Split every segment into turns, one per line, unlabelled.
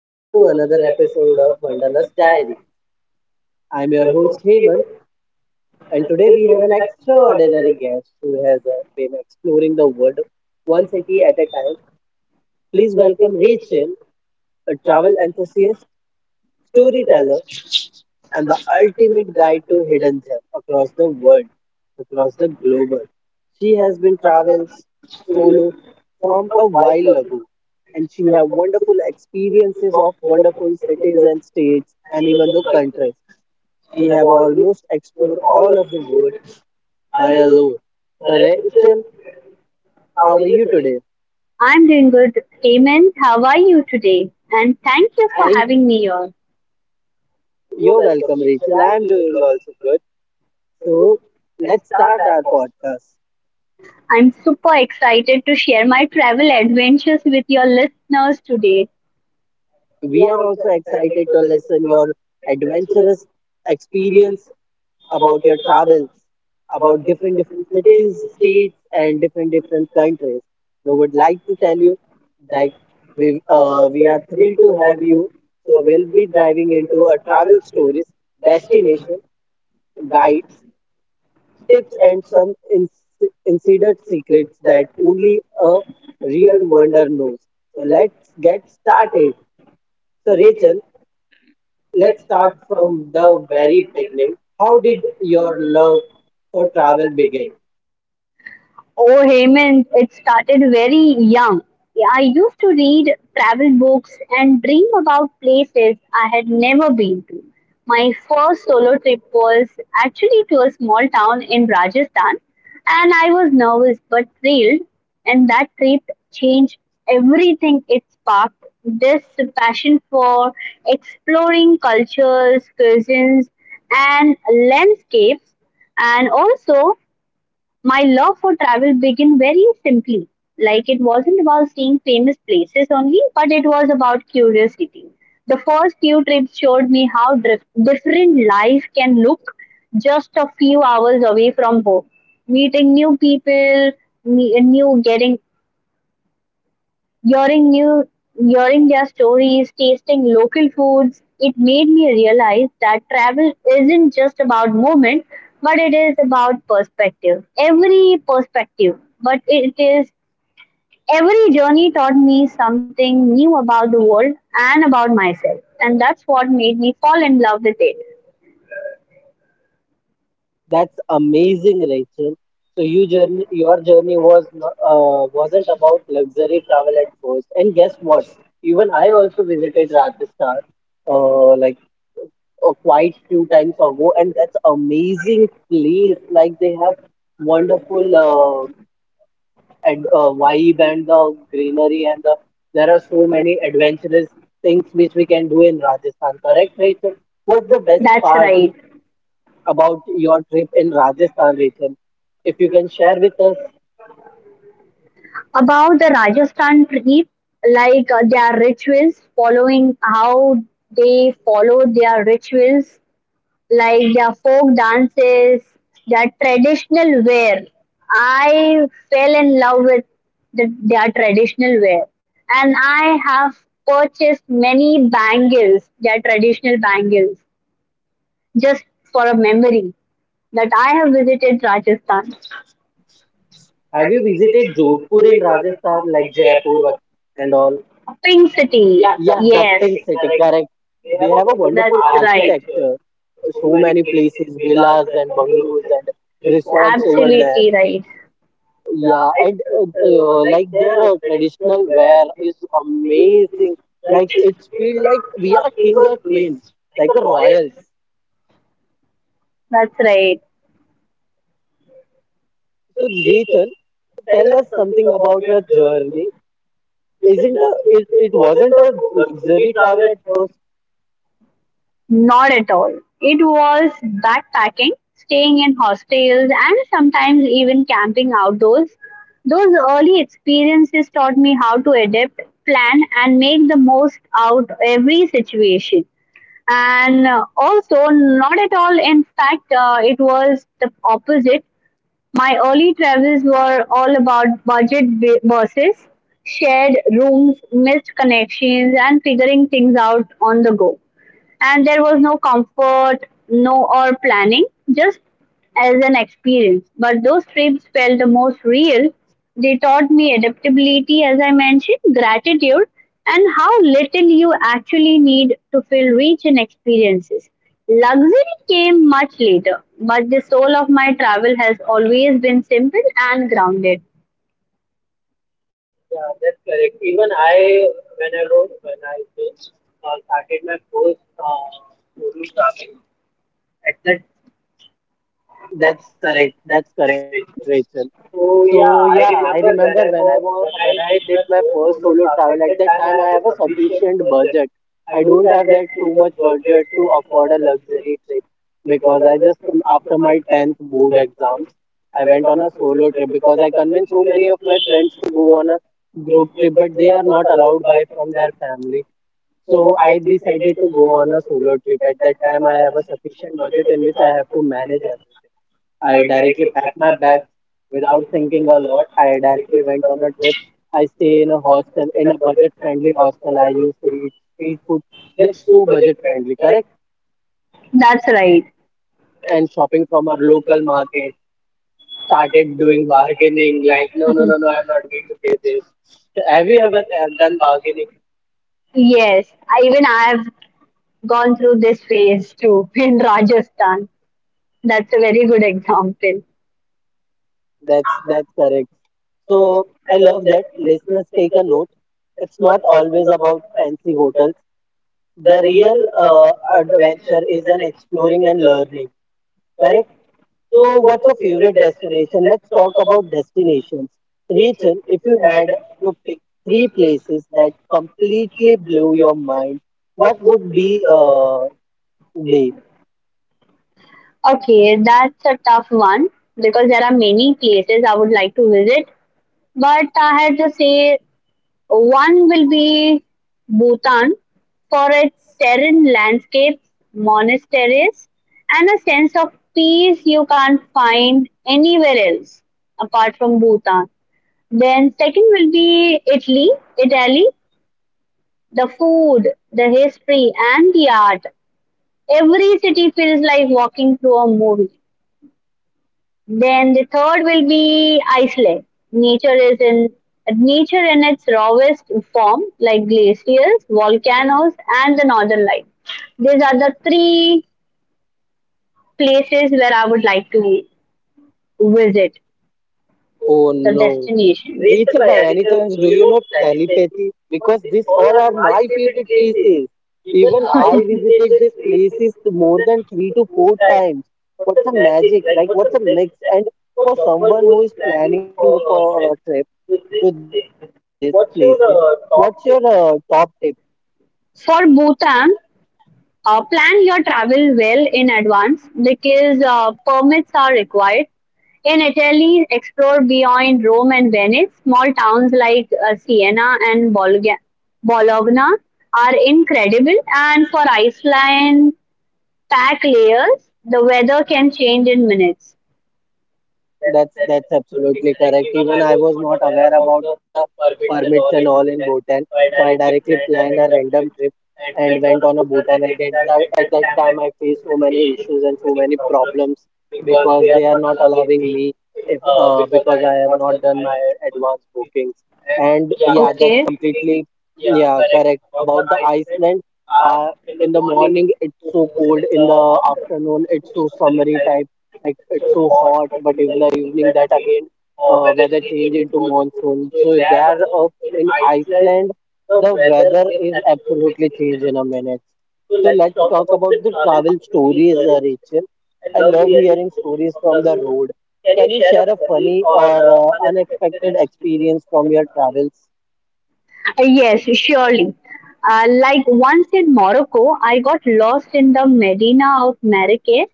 Welcome to another episode of Wanderlust Diary. I'm your host Heyman, and today we have an extraordinary guest who has been exploring the world one city at a time. Please welcome Rachel, a travel enthusiast, storyteller, and the ultimate guide to hidden gem across the world, across the global. She has been travels solo from a while ago, and she have wonderful experiences of wonderful cities and states and even the countries. She have almost explored all of the world by alone. So Rachel, how are you today?
I'm doing good. Amen. How are you today? And thank you for
Thank
having me here.
You're welcome, Rachel. I'm doing also good. So let's start our podcast.
I'm super excited to share my travel adventures with your listeners today.
We are also excited to listen your adventurous experience about your travels, about different different cities, states, and different different countries. We would like to tell you that we are thrilled to have you. So we'll be driving into a travel stories, destination, guides, tips, and some insider secrets that only a real wonder knows. So let's get started. So Rachel, let's start from the very beginning. How did your love for travel begin?
Oh, Hemant, it started very young. I used to read travel books and dream about places I had never been to. My first solo trip was actually to a small town in Rajasthan, and I was nervous but thrilled. And that trip changed everything. It sparked this passion for exploring cultures, cuisines, and landscapes, and also my love for travel began very simply. Like, it wasn't about seeing famous places only, but it was about curiosity. The first few trips showed me how different life can look just a few hours away from home. Meeting new people, me- new getting hearing new hearing their stories, tasting local foods, it made me realize that travel isn't just about movement, but it is about perspective. Every perspective but it is Every journey taught me something new about the world and about myself, and that's what made me fall in love with it.
That's amazing, Rachel. So your journey was wasn't about luxury travel at first. And guess what? Even I also visited Rajasthan, uh, like quite few times ago, and that's amazing place. Like they have wonderful and vibe and the greenery and there are so many adventurous things which we can do in Rajasthan. Correct, Rachel? What's the best
That's
part
right.
about your trip in Rajasthan, Rachel? If you can share with us,
About the Rajasthan trip, like their rituals, following how they follow their rituals, like their folk dances, their traditional wear. I fell in love with their traditional wear, and I have purchased many bangles, their traditional bangles, just for a memory that I have visited Rajasthan.
have you visited Jodhpur in Rajasthan, like and all?
Pink City.
Yeah, the pink city, correct. They have a wonderful architecture. So many places, villas and bungalows and resorts over there.
Right.
Yeah, and like their traditional wear is amazing. Like it's feel like we are king or queen, like a royals.
That's right.
So Rachel, tell us something about your journey. Isn't a, it? It wasn't a luxury travel at first.
Not at all. It was backpacking, staying in hostels, and sometimes even camping outdoors. Those early experiences taught me how to adapt, plan, and make the most out every situation. And also, not at all. In fact, it was the opposite. My early travels were all about budget buses, shared rooms, missed connections, and figuring things out on the go. And there was no comfort, no or planning, just as an experience. But those trips felt the most real. They taught me adaptability, as I mentioned, gratitude, and how little you actually need to feel rich in experiences. Luxury came much later, but the soul of my travel has always been simple and grounded.
That's correct. That's correct, Rachel. So yeah, I remember when I did my first solo travel. At that time, I have a sufficient budget. I don't have that too much budget to afford a luxury trip, because I just after my tenth board exams, I went on a solo trip because I convinced so many of my friends to go on a group trip, but they are not allowed by from their family. So I decided to go on a solo trip. At that time, I have a sufficient budget in which I have to manage everything. I directly packed my bags without thinking a lot. I directly went on a trip. I stay in a hostel, in a budget-friendly hostel. I used to eat street food, that's so budget-friendly, correct?
That's right.
And shopping from our local market. Started doing bargaining. Like, no, no, no, no, I'm not going to pay this. Have you ever done bargaining?
Yes, I, even I have gone through this phase too in Rajasthan. That's a very good example.
That's correct. So I love that. Listeners, take a note. It's not always about fancy hotels. The real adventure is an exploring and learning. Correct? So, what's your favorite destination? Let's talk about destinations. Rachel, if you had to pick three places that completely blew your mind, what would be they?
Okay, that's a tough one, because there are many places I would like to visit, but I had to say one will be Bhutan for its serene landscapes, monasteries, and a sense of peace you can't find anywhere else apart from Bhutan. Then second will be Italy. Italy, the food, the history, and the art. Every city feels like walking through a movie. Then the third will be Iceland. Nature is in nature in its rawest form, like glaciers, volcanoes, and the northern lights. These are the three places where I would like to visit.
Oh
The
no.
destination.
Rachel, by any chance, do you know telepathy? Because these all are my favorite places. Even I visited these places more than three to four times. What's a magic? Like, what's a mix? And for someone who is planning for a trip, to these places. What's your top tip?
For Bhutan, plan your travel well in advance because permits are required. In Italy, explore beyond Rome and Venice. Small towns like Siena and Bologna are incredible. And for Iceland, pack layers. The weather can change in minutes. That's,
That's
that's
that's
right.
absolutely correct. Even I was not aware about the permits and all in Bhutan, so I directly planned a random trip and went on a Bhutan. And at that time, I faced so many issues and so many problems, because they are not allowing me if because I have not done my advance bookings. And yeah, that's completely yeah correct about the Iceland. Uh, in the morning it's so cold, in the afternoon it's so summery type, like it's so hot, but in the evening that again weather change into monsoon. So there, up in Iceland, the weather is absolutely change in a minute. So let's talk about the travel stories, Rachel. I love hearing stories from the road. Can you share a funny or unexpected experience from your travels?
Experience? Yes, surely. Like once in Morocco, I got lost in the Medina of Marrakech.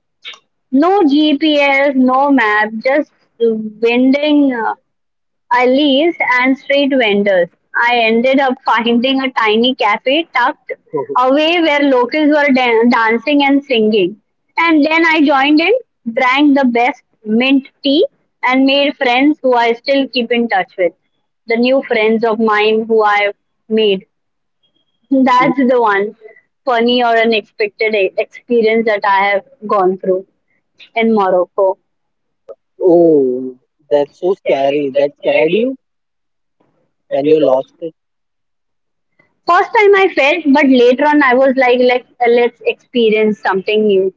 No GPS, no map, just winding alleys and street vendors. I ended up finding a tiny cafe tucked away where locals were dancing and singing. And then I joined in, drank the best mint tea, and made friends who I still keep in touch with. The new friends of mine who I made. That's the one funny or unexpected experience that I have gone through in Morocco.
Oh, that's so scary. That scared you when you lost it.
First time I felt, but later on I was like, let's experience something new.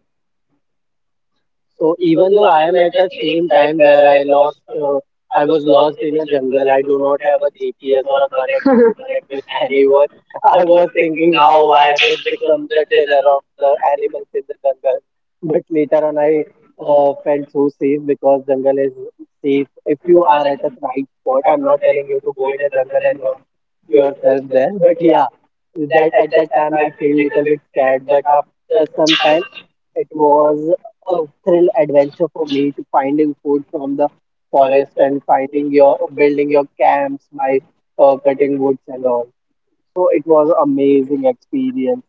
So even though I am at a same time where I lost, I was lost in a jungle. I do not have a GPS or a connection to connect with anyone. I was thinking now I will become the dinner of the animals in the jungle. But later on, I felt so safe because jungle is safe. If you are at a right spot. I'm not telling you to go in a jungle and lost yourself there. But yeah, that at that time I feel little bit scared. But after some time, it was a thrill adventure for me to finding food from the forest and finding your building your camps by cutting woods and all. So it was amazing experience.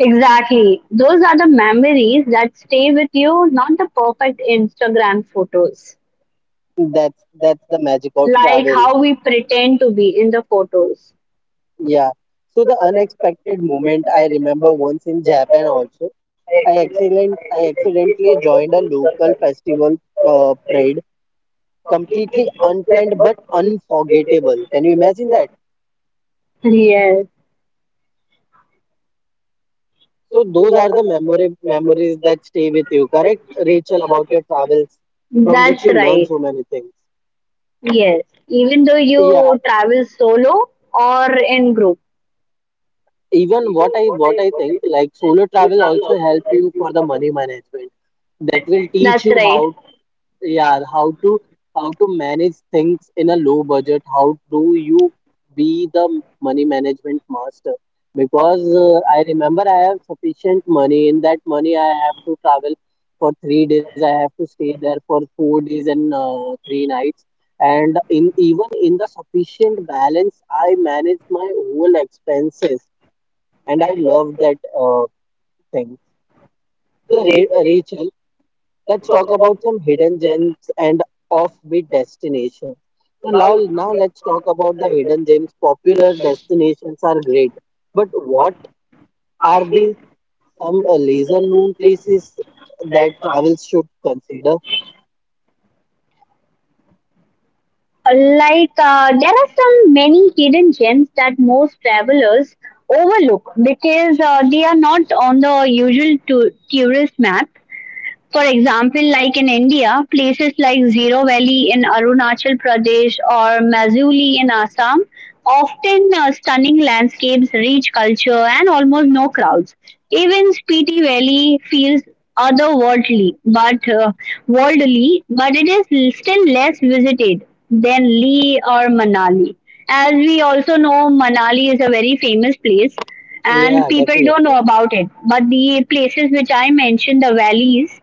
Exactly. Those are the memories that stay with you, not the perfect Instagram photos.
That's the magic of
Like
travel.
how we pretend to be in the photos.
Yeah. So the unexpected moment I remember once in Japan also. I accidentally joined a local festival parade, completely unplanned but unforgettable. Can you imagine that?
Yes,
So those are the memory memories that stay with you, correct, Rachel, about your travels, from
that's
which you learn
right.
so many things.
Yes. Even though
Yeah,
you travel solo or in group.
even what I think, like solo travel also help you for the money management. That will teach
That's
you
right.
how, yeah, how to manage things in a low budget. How do you be the money management master, because I remember I have sufficient money. In that money I have to travel for 3 days, I have to stay there for 4 days and 3 nights, and in even in the sufficient balance I manage my whole expenses. And I love that uh, thing. So Rachel, let's talk about some hidden gems and offbeat destinations. So now let's talk about the hidden gems. Popular destinations are great, but what are the some lesser known places that travel should consider?
Like there are some many hidden gems that most travelers overlook because they are not on the usual tourist map. For example, like in India, places like Zero Valley in Arunachal Pradesh or Mazuli in Assam often stunning landscapes, rich culture, and almost no crowds. Even Spiti Valley feels otherworldly, but it is still less visited than Leh or Manali. As we also know, Manali is a very famous place and
Yeah,
people don't know
definitely.
about it. But the places which I mentioned, the valleys,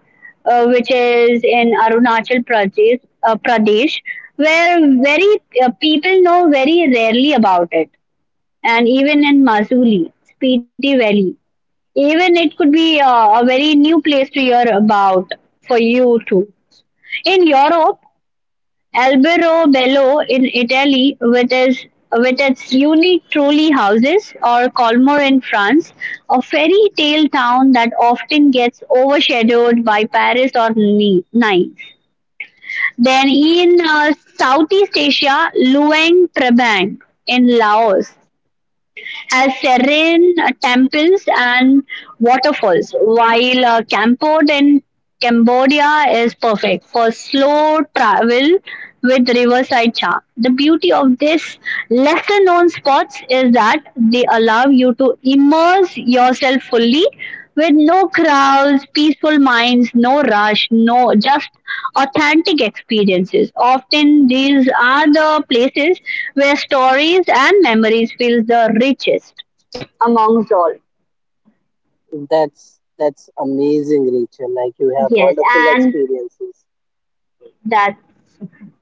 which is in Arunachal Pradesh, where very people know very rarely about it, and even in Masuli, Spiti Valley, even it could be a very new place to hear about for you too. In Europe, Albero Bello in Italy with its unique trolley houses, or Colmar in France, a fairy tale town that often gets overshadowed by Paris or Nice. Then in Southeast Asia, Luang Prabang in Laos as serene temples and waterfalls, while Kampot in Cambodia is perfect for slow travel with riverside charm. The beauty of these lesser known spots is that they allow you to immerse yourself fully, with no crowds, peaceful minds, no rush, no, just authentic experiences. Often these are the places where stories and memories feel the richest amongst all.
That's amazing, Rachel. Like you have
Yes,
wonderful
and
experiences.
that,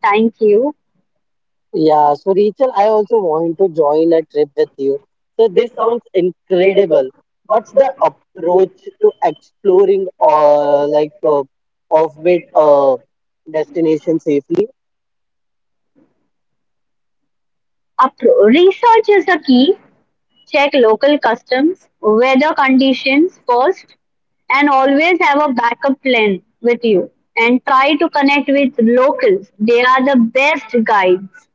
thank you.
Yeah, so Rachel, I also want to join a trip with you. So this sounds incredible. What's the approach to exploring or like off-beat destination safely?
Research is the key. Check local customs, weather conditions first, and always have a backup plan with you. And try to connect with locals, they are the best guides.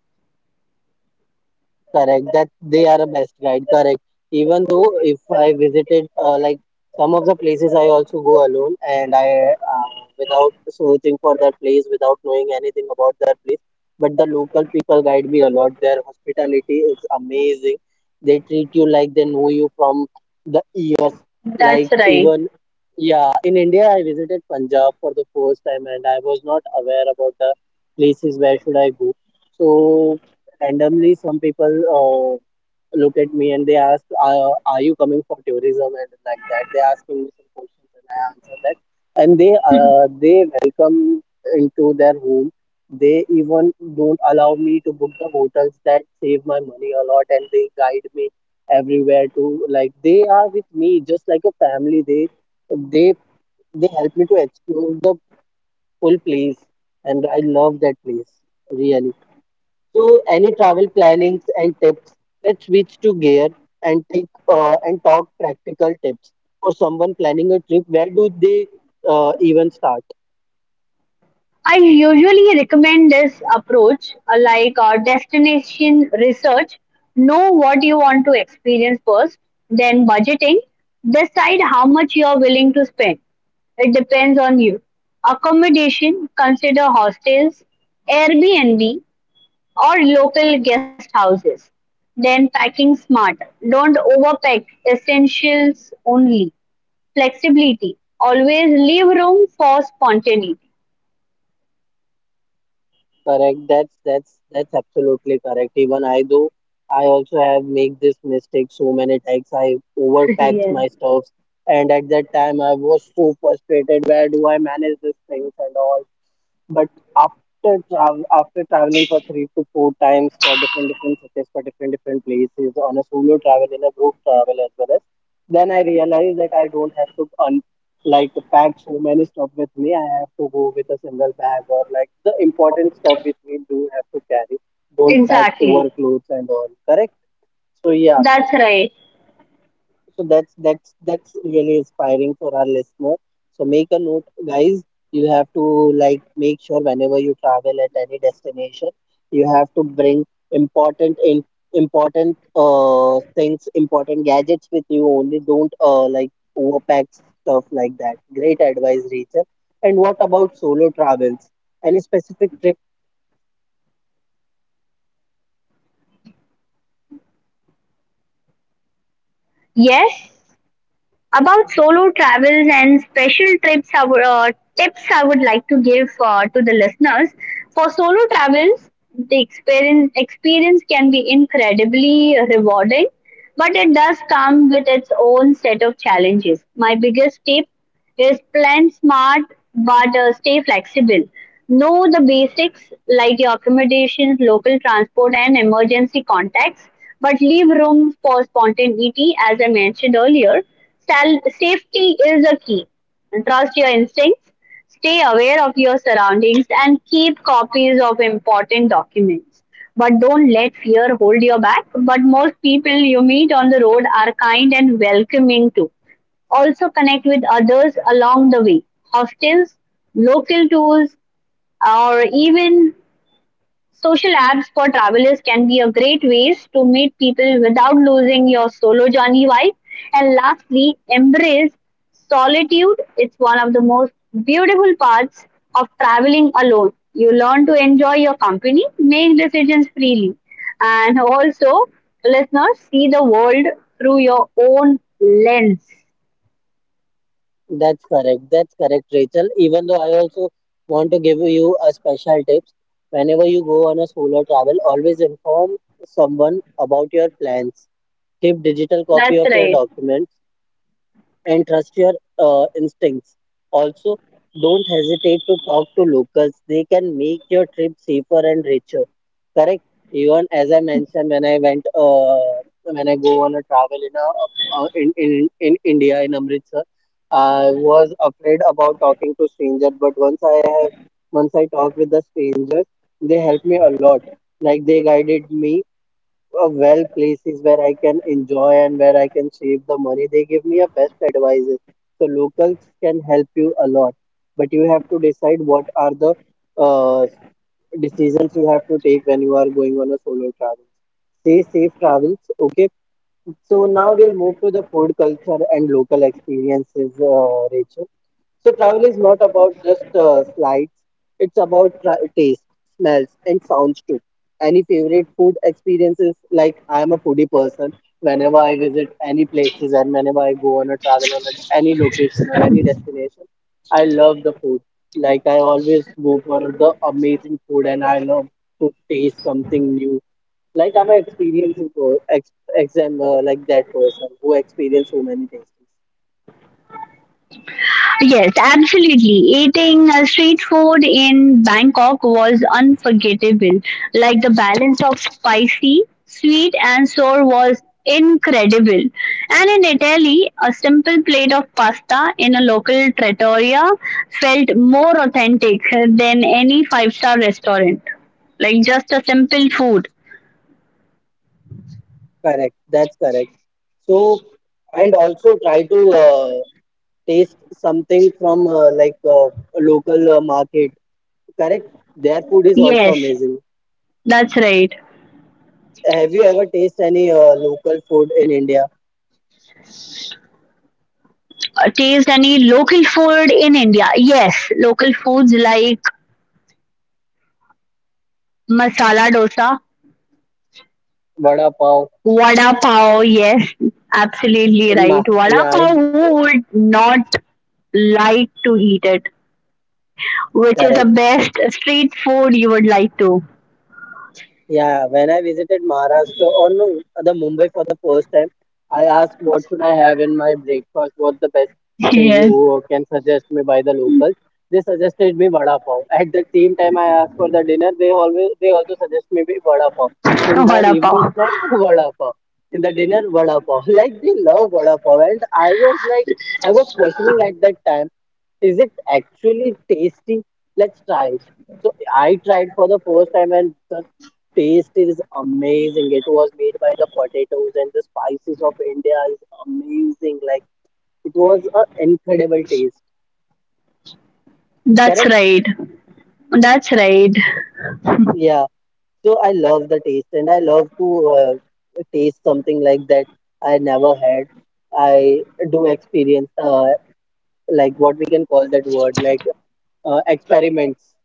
Correct, that they are a best guide, correct. Even though if I visited like some of the places, I also go alone. And I uh, without searching for that place, without knowing anything about that place, but the local people guide me a lot. Their hospitality is amazing. They treat you like they know you from the ears.
That's
Like
right.
even yeah, in India I visited Punjab for the first time and I was not aware about the places where should I go. So randomly some people uh, look at me and they ask, are you coming for tourism, and like that they asking me some questions and I answer that. And they they welcome into their home. They even don't allow me to book the hotels, that save my money a lot, and they guide me everywhere to, like, they are with me just like a family. They they they help me to explore the full place, and I love that place, really. So, any travel plannings and tips? Let's switch to gear and talk practical tips for someone planning a trip. Where do they even start?
I usually recommend this approach, like destination research. Know what you want to experience first, then budgeting. Decide how much you are willing to spend. It depends on you. Accommodation, consider hostels, Airbnb, or local guest houses. Then packing smart. Don't overpack, essentials only. Flexibility. Always leave room for spontaneity.
Correct. That's that's absolutely correct. Even I do. I also have make this mistake so many times. I overpacked
Yes.
my stuffs, and at that time I was so frustrated. Where do I manage these things and all? But after traveling for three to four times for different different cities, for different different places, on a solo travel, in a group travel as well as, then I realized that I don't have to like pack so many stuff with me. I have to go with a single bag or like the important stuff with me. Do have to carry. Don't pack
Exactly.
over clothes and all. Correct. So yeah,
That's right.
so that's that's really inspiring for our listener. So make a note, guys. You have to like make sure whenever you travel at any destination, you have to bring important in important things, important gadgets with you only. Don't like overpack stuff like that. Great advice, Rachel. And what about solo travels? Any specific trip.
Yes, about solo travels and special trips, tips I would like to give to the listeners. For solo travels, the experience can be incredibly rewarding, but it does come with its own set of challenges. My biggest tip: yes, plan smart, but stay flexible. Know the basics like your accommodations, local transport, and emergency contacts, but leave room for spontaneity, as I mentioned earlier. Safety is a key. Trust your instincts, stay aware of your surroundings, and keep copies of important documents. But don't let fear hold you back. But most people you meet on the road are kind and welcoming too. Also, connect with others along the way. Hostels, local tours, or even social apps for travelers can be a great ways to meet people without losing your solo journey vibe. And lastly, embrace solitude. It's one of the most beautiful parts of traveling alone. You learn to enjoy your company, make decisions freely, and also, listeners, see the world through your own lens.
That's correct. That's correct, Rachel. Even though I also want to give you a special tips. Whenever you go on a solo travel, always inform someone about your plans. Keep digital copy
That's
of your
right.
documents and trust your instincts. Also, don't hesitate to talk to locals. They can make your trip safer and richer. Correct. Even as I mentioned, when I go on a travel in India in Amritsar, I was afraid about talking to strangers. But once I have, Once I talked with the strangers, they helped me a lot. Like they guided me well places where I can enjoy and where I can save the money. They give me a best advices. So locals can help you a lot, but you have to decide what are the uh, decisions you have to take when you are going on a solo travel. Say safe travels, okay? So now we'll move to the food culture and local experiences, Rachel. So travel is not about just slides. It's about taste, smells, and sounds too. Any favorite food experiences? Like I am a foodie person. Whenever I visit any places and whenever I go on a travel on a, any location or any destination, I love the food. Like I always go for the amazing food, and I love to taste something new. Like I'm an experiencing per- ex, exam like that person who experience so many tastes.
Yes, absolutely. Eating street food in Bangkok was unforgettable. Like, the balance of spicy, sweet, and sour was incredible. And in Italy, a simple plate of pasta in a local trattoria felt more authentic than any five-star restaurant. Like, just a simple food.
Correct. That's correct. So, and also try to taste something from a local market. Correct? Their food is also
Yes,
amazing.
that's right.
Have you ever tasted any local food in India?
Taste any local food in India? Yes, local foods like masala dosa,
Vada pav
vada pav, yes, absolutely
in Ma
right. Vada
yeah, in,
pav, who would not like to eat it? Which is
correct.
the best street food you would like to?
Yeah, when I visited Maharashtra or no, the Mumbai for the first time, I asked what should I have in my breakfast? What the best thing
Yes,
you can suggest me by the locals? They suggested me vada pav. At the same time, I asked for the dinner. They also suggest me be vada pav. In the
vada
evening
pav.
snack, vada pav. In the dinner, vada pav. Like they love vada pav, and I was like, I was questioning at that time, is it actually tasty? Let's try it. So I tried for the first time and taste is amazing. It was made by the potatoes and the spices of India is amazing. Like it was an incredible taste.
That's
Correct?
right. That's right.
Yeah. So I love the taste and I love to taste something like that I never had. I do experience like what we can call that word like experiments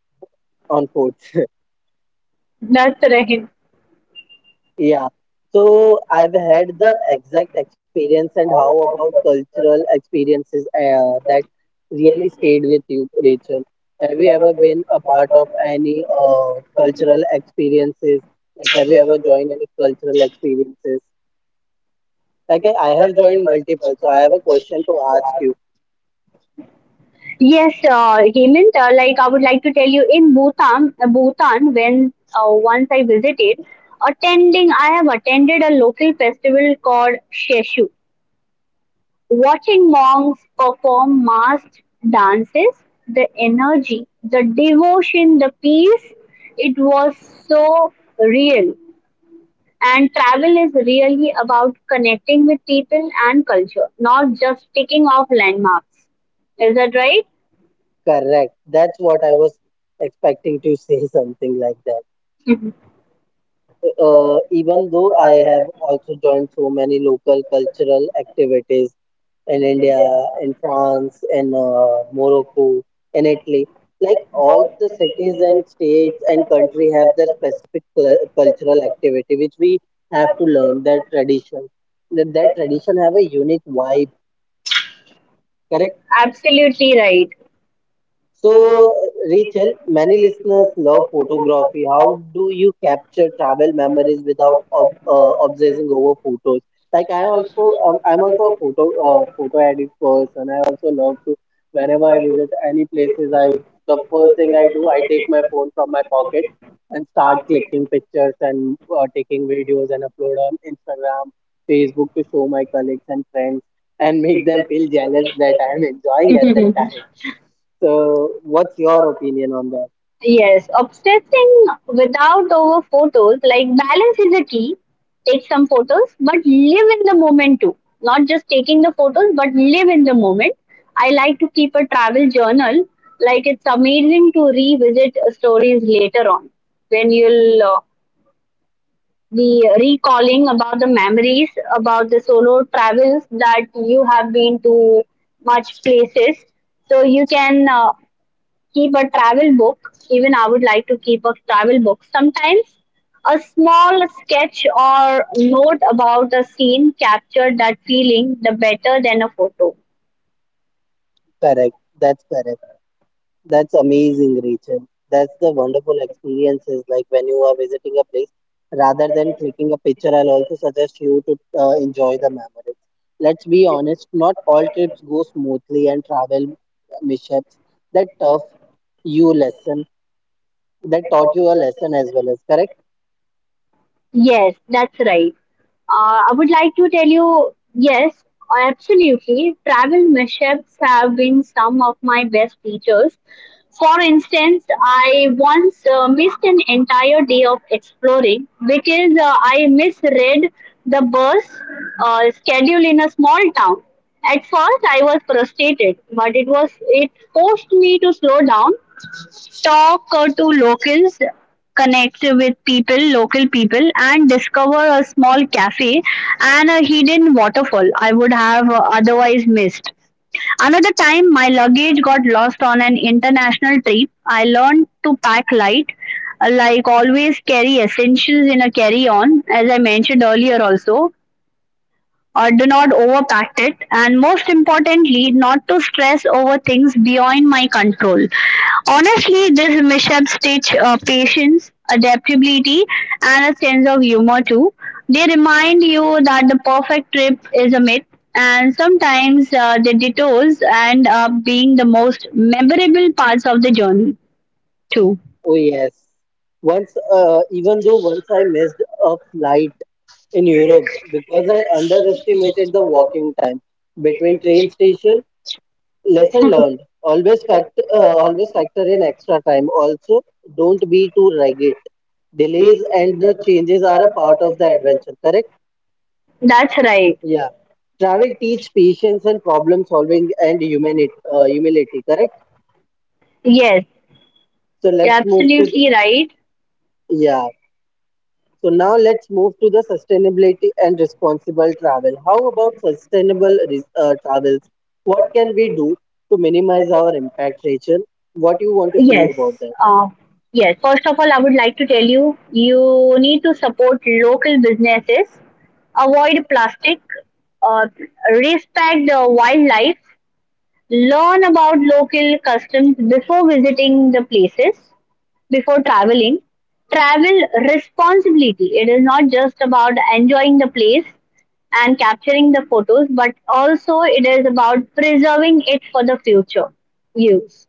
on food.
That's right.
Yeah, so I've had the exact experience, and how about cultural experiences that really stayed with you, Rachel? Have you ever been a part of any cultural experiences? Like, have you ever joined any cultural experiences? Like, I have joined multiple, so I have a question to ask you.
Yes, Hemant, like I would like to tell you in Bhutan, when once I visited, I have attended a local festival called Sheshu. Watching monks perform masked dances, the energy, the devotion, the peace, it was so real. And travel is really about connecting with people and culture, not just ticking off landmarks. Is that right?
Correct. That's what I was expecting to say something like that. Even though I have also joined so many local cultural activities in India, in France, in Morocco, in Italy. Like all the cities and states and country have their specific cultural activity, which we have to learn their tradition. That tradition have a unique vibe, correct?
Absolutely
So, Rachel, many listeners love photography. How do you capture travel memories without ob obsessing over photos? Like I also, I'm also a photo edit person. I also love to, whenever I visit any places, I the first thing I do, I take my phone from my pocket and start clicking pictures and taking videos and upload on Instagram, Facebook to show my colleagues and friends and make
right.
them feel jealous that I am enjoying at that time. So, what's your opinion on that?
Yes, obsessing without over photos, like, balance is a key. Take some photos, but live in the moment too. Not just taking the photos, but live in the moment. I like to keep a travel journal. Like, it's amazing to revisit stories later on, when you'll be recalling about the memories, about the solo travels that you have been to, much places. So you can keep a travel book. Even I would like to keep a travel book. Sometimes a small sketch or note about a scene captured that feeling the better than a photo.
Correct. That's correct. That's amazing, Rachel. That's the wonderful experiences. Like when you are visiting a place, rather than clicking a picture, I'll also suggest you to enjoy the memories. Let's be honest, not all trips go smoothly, and travel mishaps that tough you lesson that taught you a lesson as well as correct.
Yes, that's right. I would like to tell you, yes, absolutely. Travel mishaps have been some of my best teachers. For instance, I once missed an entire day of exploring because I misread the bus schedule in a small town. At first, I was frustrated, but it forced me to slow down, talk to locals, connect with people, local people, and discover a small cafe and a hidden waterfall I would have otherwise missed. Another time, my luggage got lost on an international trip. I learned to pack light, like always carry essentials in a carry on, as I mentioned earlier, also, or do not overpack it, and most importantly not to stress over things beyond my control. Honestly, this mishaps teach patience, adaptability, and a sense of humor too. They remind you that the perfect trip is a myth, and sometimes the detours end up being the most memorable parts of the journey too.
Oh yes. Once, even though Once I missed a flight in Europe because I underestimated the walking time between train station. Lesson learned. Always factor in extra time. Also, don't be too rigid. Delays and the changes are a part of the adventure. Correct?
That's right.
Yeah. Travel teach patience and problem solving and humanity. Humility. Correct.
Yes,
So
you're
let's move to the,
absolutely right.
yeah. So now let's move to the sustainability and responsible travel. How about travels? What can we do to minimize our impact, Rachel? What you want to say
Yes.
about that?
Uh, yes. First of all, I would like to tell you, you need to support local businesses, avoid plastic, uh, respect the wildlife, learn about local customs before visiting the places, before traveling. Travel responsibility. It is not just about enjoying the place and capturing the photos, but also it is about preserving it for the future use.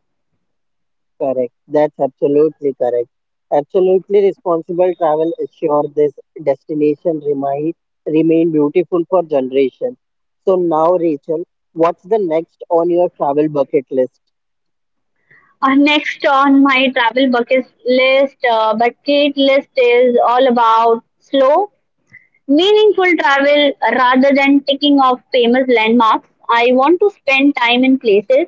Correct. That's absolutely correct. Absolutely responsible travel ensure this destination remain beautiful for generation. So now, Rachel, what's the next on your travel bucket list?
Next on my travel bucket list is all about slow, meaningful travel rather than ticking off famous landmarks. I want to spend time in places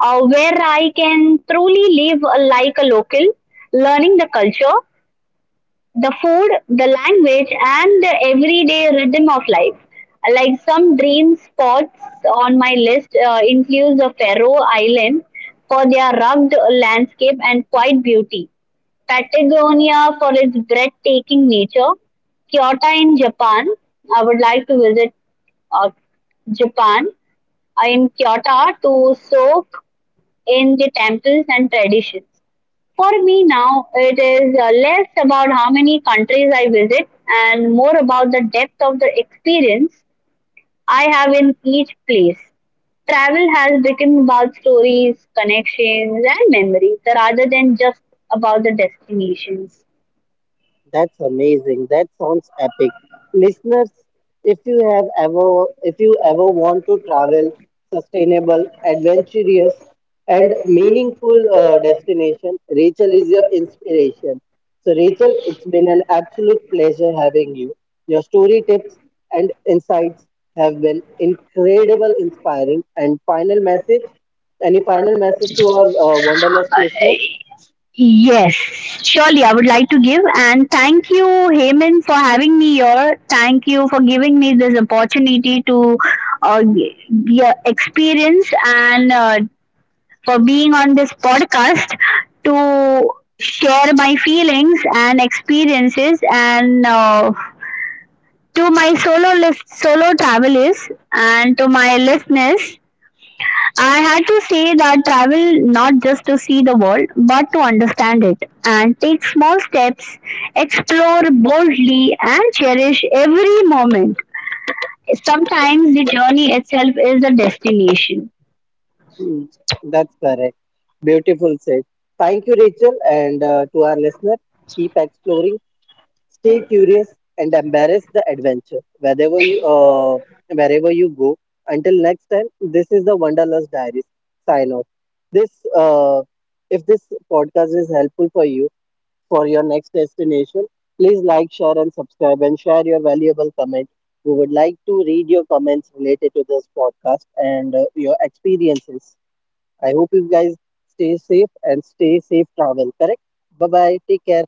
where I can truly live like a local, learning the culture, the food, the language, and the everyday rhythm of life. Like, some dream spots on my list includes the Faroe Islands for their rugged landscape and quiet beauty, Patagonia for its breathtaking nature, Kyoto in Japan. I would like to visit uh, Japan in Kyoto to soak in the temples and traditions. For me now, it is less about how many countries I visit and more about the depth of the experience I have in each place. Travel has become about stories, connections, and memories rather than just about the destinations.
That's amazing. That sounds epic. Listeners, if you have ever if you ever want to travel sustainable, adventurous and meaningful destination, Rachel is your inspiration. So Rachel, it's been an absolute pleasure having you. Your story tips and insights have been incredible, inspiring and final message any final message to our wanderlust listeners?
Yes, surely I would like to give and thank you, Heyman, for having me here. Thank you for giving me this opportunity to uh, y- yeah, experience, and for being on this podcast, to share my feelings and experiences, and to my solo travelers and to my listeners. I had to say that travel, not just to see the world but to understand it, and take small steps, explore boldly, and cherish every moment. Sometimes the journey itself is the destination.
Mm, that's correct. Beautiful said. Thank you, Rachel, and to our listener, keep exploring, stay curious, and embrace the adventure wherever you go. Until next time, this is the Wanderlust Diaries. Sign off. This uh, if this podcast is helpful for you for your next destination, please like, share, and subscribe, and share your valuable comment. We would like to read your comments related to this podcast and your experiences. I hope you guys stay safe and stay safe travel, correct? Bye bye. Take care.